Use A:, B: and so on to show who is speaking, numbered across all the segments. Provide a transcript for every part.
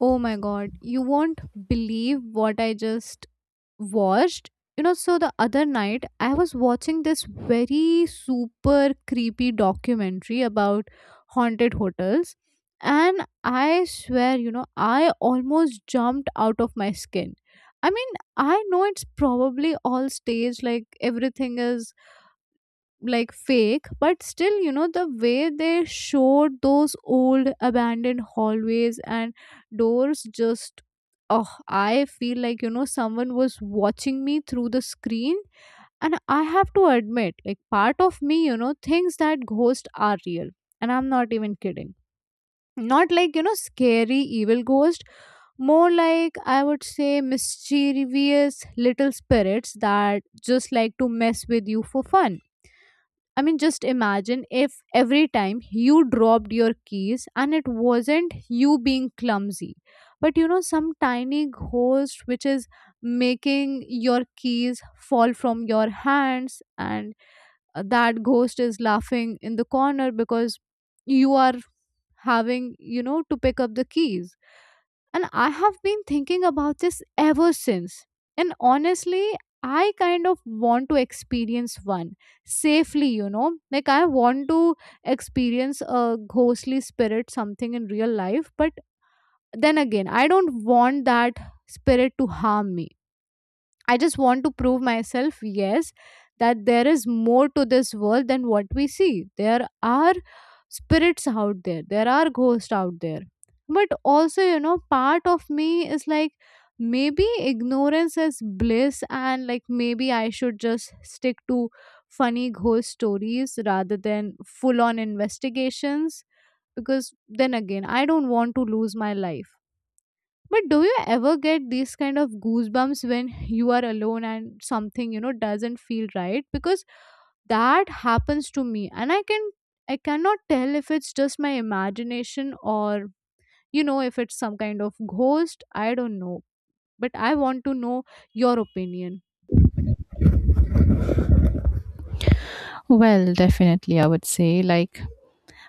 A: Oh my god, you won't believe what I just watched. So the other night I was watching this very super creepy documentary about haunted hotels, and I swear, I almost jumped out of my skin. I mean, I know it's probably all staged, like everything is like fake but still the way they showed those old abandoned hallways and doors just oh I feel like someone was watching me through the screen. And I have to admit, like part of me thinks that ghosts are real, and I'm not even kidding. Not like scary evil ghost, more like I would say mischievous little spirits that just like to mess with you for fun. I mean, just imagine if every time you dropped your keys and it wasn't you being clumsy, but some tiny ghost which is making your keys fall from your hands, and that ghost is laughing in the corner because you are having to pick up the keys. And I have been thinking about this ever since. And honestly, I kind of want to experience one safely, Like, I want to experience a ghostly spirit, something in real life. But then again, I don't want that spirit to harm me. I just want to prove myself, yes, that there is more to this world than what we see. There are spirits out there, there are ghosts out there. But also, part of me is like, maybe ignorance is bliss, and like maybe I should just stick to funny ghost stories rather than full on investigations because then again, I don't want to lose my life. But do you ever get these kind of goosebumps when you are alone and something doesn't feel right? Because that happens to me and I cannot tell if it's just my imagination or if it's some kind of ghost, I don't know. But I want to know your opinion.
B: Well, definitely, I would say. Like,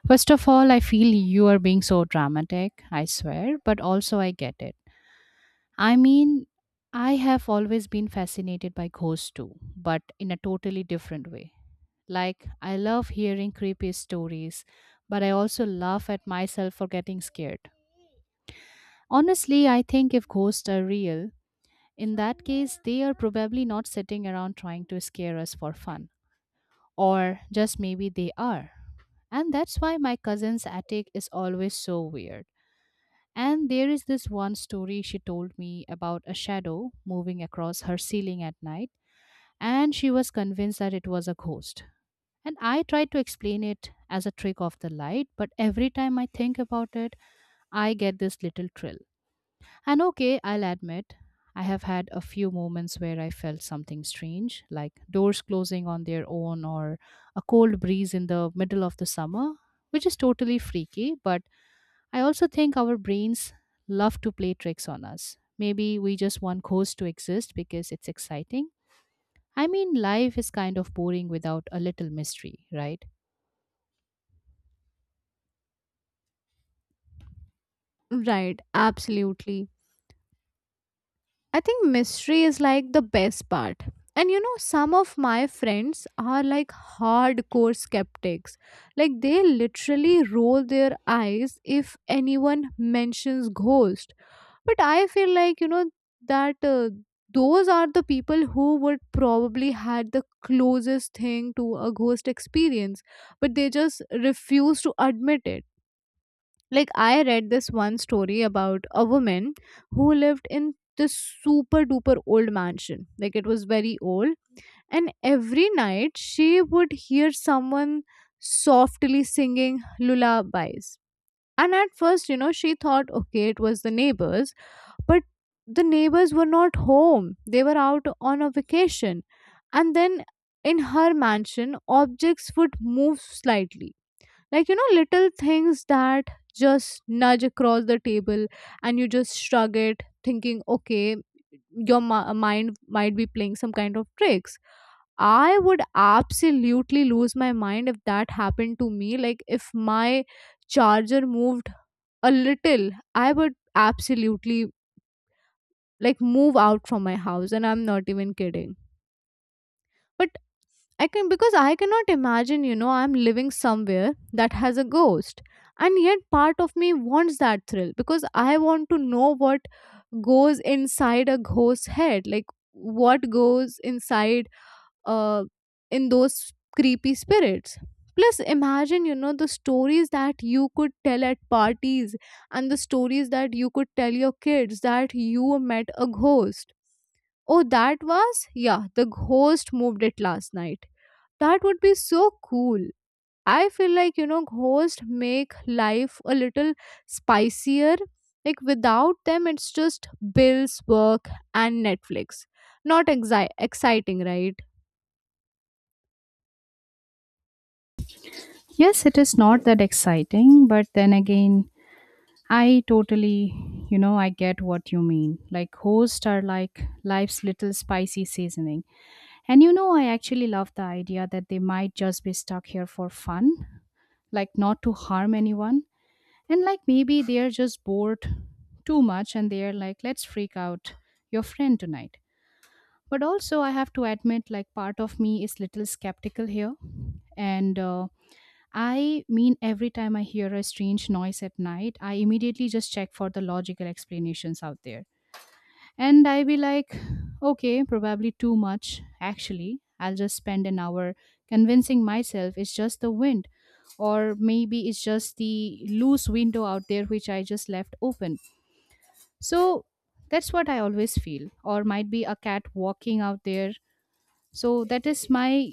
B: first of all, I feel you are being so dramatic, I swear, but also I get it. I mean, I have always been fascinated by ghosts too, but in a totally different way. Like, I love hearing creepy stories, but I also laugh at myself for getting scared. Honestly, I think if ghosts are real, in that case, they are probably not sitting around trying to scare us for fun. Or just maybe they are. And that's why my cousin's attic is always so weird. And there is this one story she told me about a shadow moving across her ceiling at night, and she was convinced that it was a ghost. And I tried to explain it as a trick of the light, but every time I think about it, I get this little thrill. And okay, I'll admit, I have had a few moments where I felt something strange, like doors closing on their own or a cold breeze in the middle of the summer, which is totally freaky. But I also think our brains love to play tricks on us. Maybe we just want ghosts to exist because it's exciting. I mean, life is kind of boring without a little mystery, right?
A: Right, absolutely. I think mystery is like the best part. And some of my friends are like hardcore skeptics. Like they literally roll their eyes if anyone mentions ghost. But I feel like, you know, that those are the people who would probably had the closest thing to a ghost experience, but they just refuse to admit it. Like I read this one story about a woman who lived in this super duper old mansion, like it was very old, and every night she would hear someone softly singing lullabies. And at first she thought okay it was the neighbors, but the neighbors were not home, they were out on a vacation. And then in her mansion objects would move slightly, like, little things that just nudge across the table, and you just shrug it, thinking, okay, your mind might be playing some kind of tricks. I would absolutely lose my mind if that happened to me. Like, if my charger moved a little, I would absolutely like move out from my house, and I'm not even kidding. But I cannot imagine, I'm living somewhere that has a ghost. And yet part of me wants that thrill because I want to know what goes inside a ghost's head. Like what goes inside uh, in those creepy spirits. Plus, imagine, the stories that you could tell at parties and the stories that you could tell your kids that you met a ghost. Oh, that was? Yeah, the ghost moved it last night. That would be so cool. I feel like, ghosts make life a little spicier. Like, without them, it's just bills, work, and Netflix. Not exciting, right?
B: Yes, it is not that exciting, but then again, I totally, you know, I get what you mean. Like, hosts are like life's little spicy seasoning. And you know, I actually love the idea that they might just be stuck here for fun, like, not to harm anyone. And like, maybe they're just bored too much and they're like, let's freak out your friend tonight. But also, I have to admit, like, part of me is little skeptical here. And, I mean, every time I hear a strange noise at night, I immediately just check for the logical explanations out there. And I be like, okay, probably too much. Actually, I'll just spend an hour convincing myself it's just the wind, or maybe it's just the loose window out there which I just left open. So that's what I always feel, or might be a cat walking out there. So that is my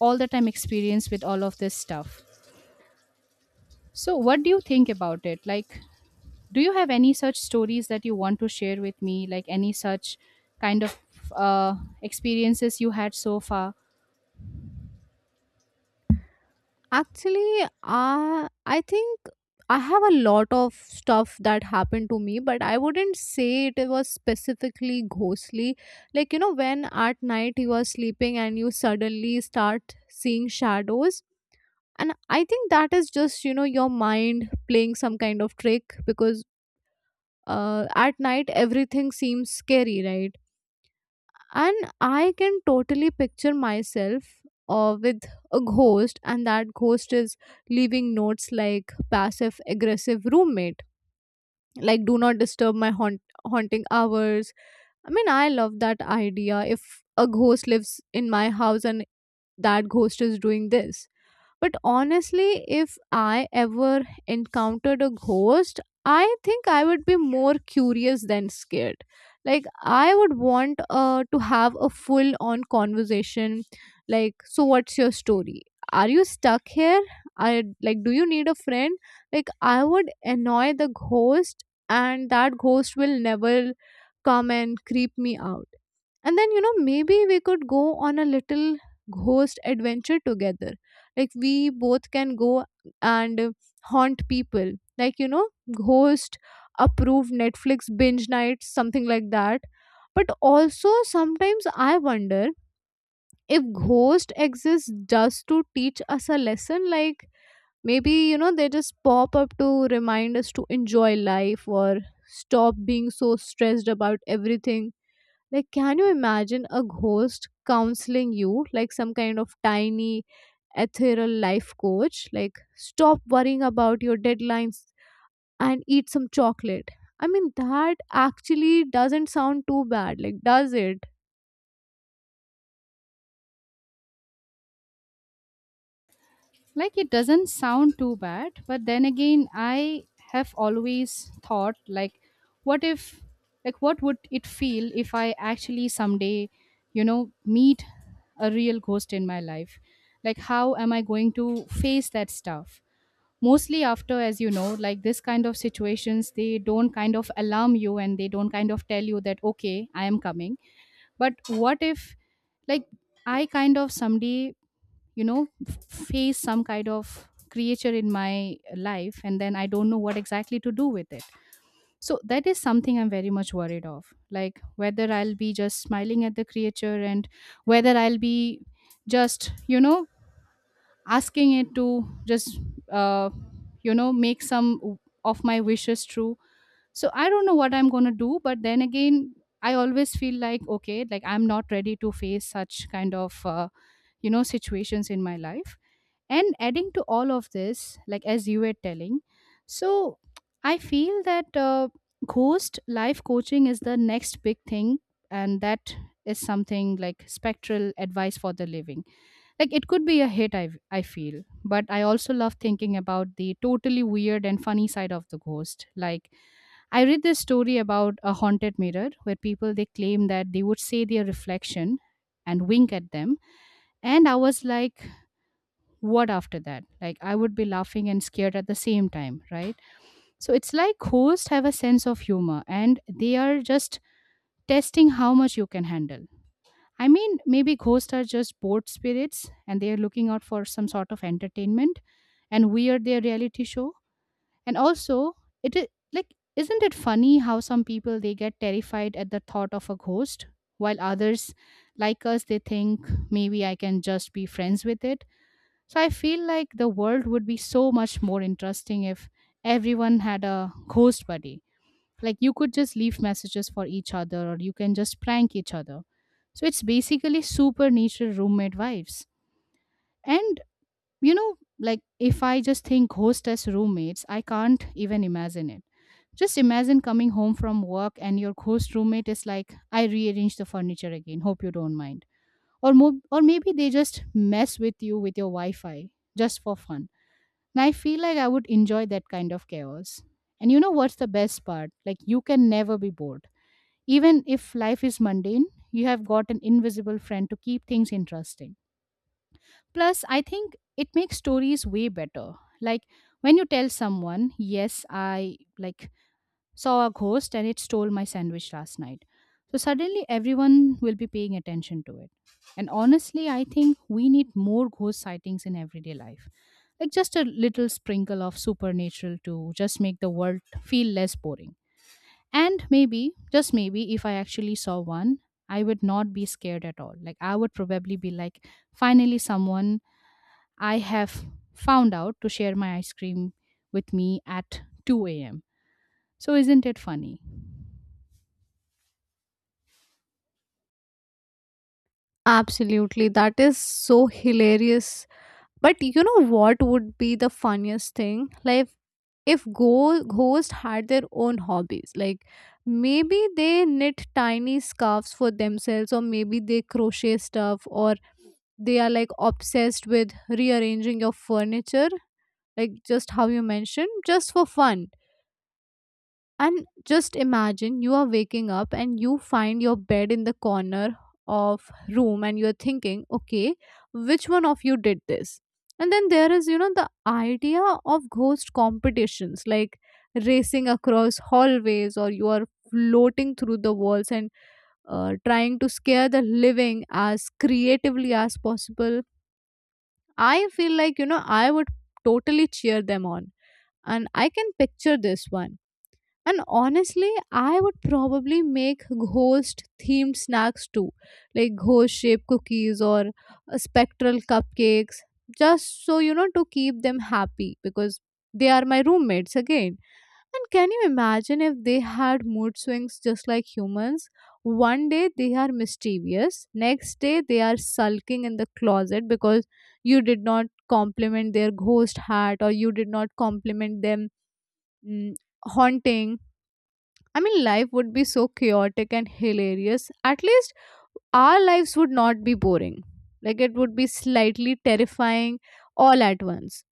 B: all the time experience with all of this stuff. So, what do you think about it? Like, do you have any such stories that you want to share with me like any such kind of uh, experiences you had so far
A: Actually, I think I have a lot of stuff that happened to me, but I wouldn't say it was specifically ghostly. Like, when at night you are sleeping and you suddenly start seeing shadows. And I think that is just, your mind playing some kind of trick because at night everything seems scary, right? And I can totally picture myself with a ghost, and that ghost is leaving notes like passive aggressive roommate, like do not disturb my haunting hours. I mean, I love that idea, if a ghost lives in my house and that ghost is doing this. But honestly, if I ever encountered a ghost, I think I would be more curious than scared. Like, I would want to have a full on conversation. Like, so what's your story? Are you stuck here? I like, do you need a friend? Like, I would annoy the ghost, and that ghost will never come and creep me out. And then, maybe we could go on a little ghost adventure together. Like, we both can go and haunt people. Like, ghost approved Netflix binge nights, something like that. But also, sometimes I wonder if ghost exists just to teach us a lesson. Like, maybe, they just pop up to remind us to enjoy life or stop being so stressed about everything. Like, can you imagine a ghost counseling you, like some kind of tiny ethereal life coach? Like, stop worrying about your deadlines and eat some chocolate. I mean, that actually doesn't sound too bad, like, does it?
B: like it doesn't sound too bad, but then again, I have always thought, like, what if, like, what would it feel if I actually someday, you know, meet a real ghost in my life? Like, how am I going to face that stuff, mostly after, as you know, like this kind of situations they don't kind of alarm you and they don't kind of tell you that okay I am coming. But what if, like, I kind of someday, you know, face some kind of creature in my life, and then I don't know what exactly to do with it? So that is something I'm very much worried of, like whether I'll be just smiling at the creature and whether I'll be just, you know, asking it to just uh, you know make some of my wishes true. So I don't know what I'm going to do, but then again I always feel like okay, like I'm not ready to face such kind of you know situations in my life. And adding to all of this, like as you were telling, so I feel that ghost life coaching is the next big thing, and that is something like spectral advice for the living. Like it could be a hit, i feel. But I also love thinking about the totally weird and funny side of the ghost. Like I read this story about a haunted mirror where people they claim that they would see their reflection and wink at them, and I was like, what after that? Like I would be laughing and scared at the same time, right? So it's like ghosts have a sense of humor and they are just testing how much you can handle. I mean, maybe ghosts are just bored spirits and they are looking out for some sort of entertainment, and we are their reality show. And also, it is like, isn't it funny how some people they get terrified at the thought of a ghost, while others, like us, they think maybe I can just be friends with it. So I feel like the world would be so much more interesting if everyone had a ghost buddy. Like you could just leave messages for each other or you can just prank each other. So it's basically supernatural roommate vibes. And you know, like if I just think host as roommates, I can't even imagine it. Just imagine coming home from work and your ghost roommate is like, I rearranged the furniture again. Hope you don't mind. Or, or maybe they just mess with you with your Wi Fi just for fun. And I feel like I would enjoy that kind of chaos. And you know what's the best part? Like, you can never be bored. Even if life is mundane, you have got an invisible friend to keep things interesting. Plus, I think it makes stories way better. Like when you tell someone, "Yes, I like saw a ghost and it stole my sandwich last night." So suddenly everyone will be paying attention to it. And honestly, I think we need more ghost sightings in everyday life. Like just a little sprinkle of supernatural to just make the world feel less boring. And maybe, just maybe, if I actually saw one, I would not be scared at all. Like, I would probably be like, finally, someone I have found out to share my ice cream with me at 2 a.m. So, isn't it funny?
A: Absolutely. That is so hilarious. But you know what would be the funniest thing? Like if ghosts had their own hobbies, like maybe they knit tiny scarves for themselves, or maybe they crochet stuff, or they are like obsessed with rearranging your furniture, like just how you mentioned, just for fun. And just imagine you are waking up and you find your bed in the corner of room and you're thinking, okay, which one of you did this? And then there is, the idea of ghost competitions like racing across hallways or you are floating through the walls and trying to scare the living as creatively as possible. I feel like, I would totally cheer them on. And I can picture this one, and honestly, I would probably make ghost themed snacks too, like ghost shaped cookies or spectral cupcakes, just so you know to keep them happy because they are my roommates again. And can you imagine if they had mood swings just like humans? One day they are mischievous, next day they are sulking in the closet because you did not compliment their ghost hat or you did not compliment them mm, haunting. I mean, life would be so chaotic and hilarious. At least our lives would not be boring. Like, it would be slightly terrifying all at once.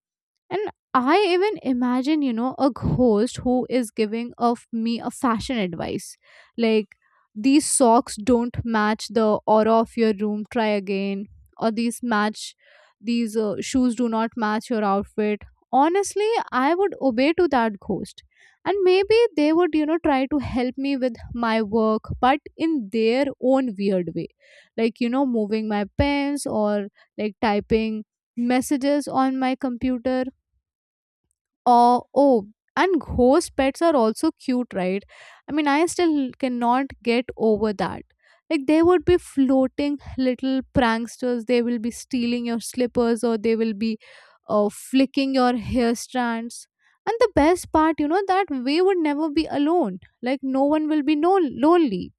A: And I even imagine, a host who is giving of me a fashion advice. Like, these socks don't match the aura of your room, try again. Or these match, these shoes do not match your outfit. Honestly, I would obey to that ghost. And maybe they would, try to help me with my work, but in their own weird way. Like, moving my pens or like typing messages on my computer. uh, oh, and ghost pets are also cute, right? I mean, I still cannot get over that. Like, they would be floating little pranksters. They will be stealing your slippers or they will be flicking your hair strands. And the best part, that we would never be alone. Like, no one will be lonely.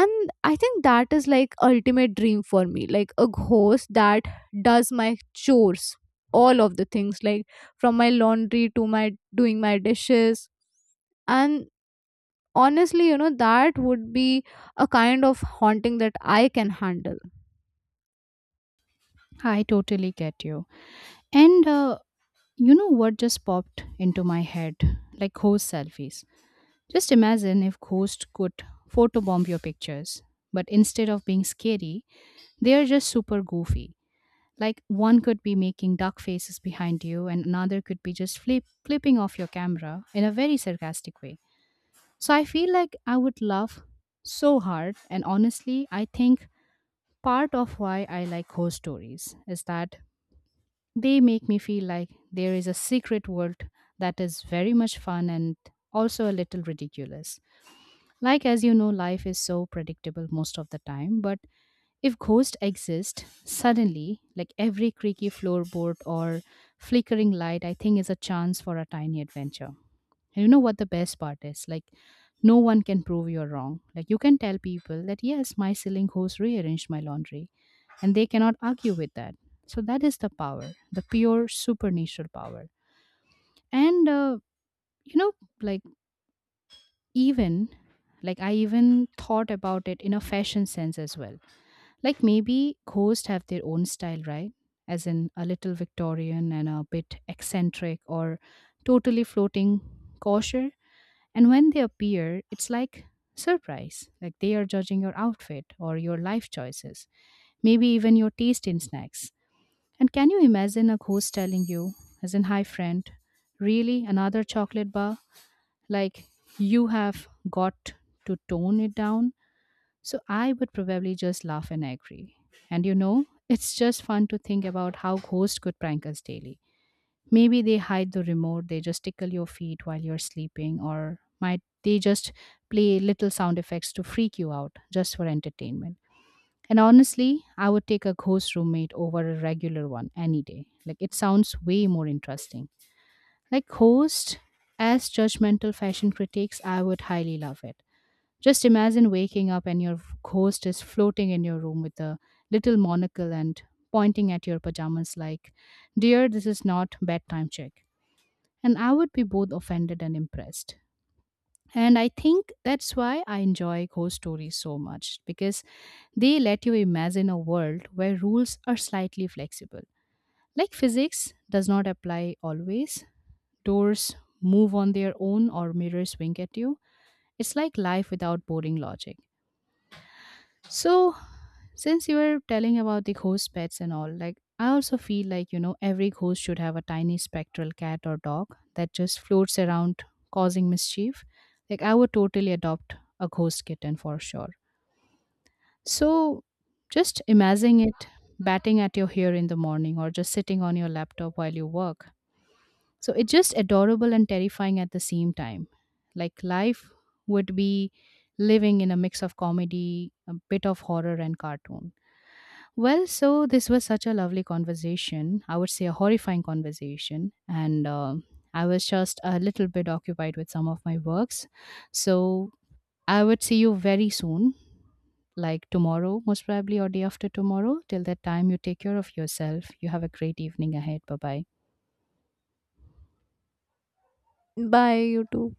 A: And I think that is like ultimate dream for me, like a ghost that does my chores, all of the things, like from my laundry to my doing my dishes. And honestly, that would be a kind of haunting that I can handle.
B: I totally get you. And you know what just popped into my head? Like ghost selfies. Just imagine if ghosts could photobomb your pictures, but instead of being scary, they are just super goofy. Like one could be making duck faces behind you and another could be just flipping off your camera in a very sarcastic way. So I feel like I would love so hard, and honestly I think part of why I like ghost stories is that they make me feel like there is a secret world that is very much fun and also a little ridiculous. Like, as you know, life is so predictable most of the time, but if ghosts exist, suddenly, like every creaky floorboard or flickering light, I think is a chance for a tiny adventure. And you know what the best part is? Like, no one can prove you're wrong. Like, you can tell people that, yes, my ceiling host rearranged my laundry, and they cannot argue with that. So, that is the power, the pure supernatural power. And, you know, like, even, like, I even thought about it in a fashion sense as well. Like maybe ghosts have their own style, right? As in a little Victorian and a bit eccentric or totally floating kosher. And when they appear, it's like surprise. Like they are judging your outfit or your life choices, maybe even your taste in snacks. And can you imagine a ghost telling you, as in, hi friend, really another chocolate bar? Like you have got to tone it down, so I would probably just laugh and agree. And you know, it's just fun to think about how ghosts could prank us daily. Maybe they hide the remote, they just tickle your feet while you're sleeping, or might they just play little sound effects to freak you out just for entertainment. And honestly, I would take a ghost roommate over a regular one any day. Like it sounds way more interesting. Like ghost as judgmental fashion critics, I would highly love it. Just imagine waking up and your ghost is floating in your room with a little monocle and pointing at your pajamas like, Dear, this is not bedtime check. And I would be both offended and impressed. And I think that's why I enjoy ghost stories so much because they let you imagine a world where rules are slightly flexible. Like physics does not apply always, doors move on their own or mirrors wink at you. It's like life without boring logic. So, since you were telling about the ghost pets and all, like I also feel like, you know, every ghost should have a tiny spectral cat or dog that just floats around causing mischief. Like I would totally adopt a ghost kitten for sure. So just imagine it batting at your hair in the morning or just sitting on your laptop while you work. So it's just adorable and terrifying at the same time. Like life would be living in a mix of comedy, a bit of horror and cartoon. Well, so this was such a lovely conversation. I would say a horrifying conversation. And I was just a little bit occupied with some of my works. So I would see you very soon, like tomorrow, most probably, or day after tomorrow. Till that time, you take care of yourself. You have a great evening ahead. Bye bye.
A: Bye, you too.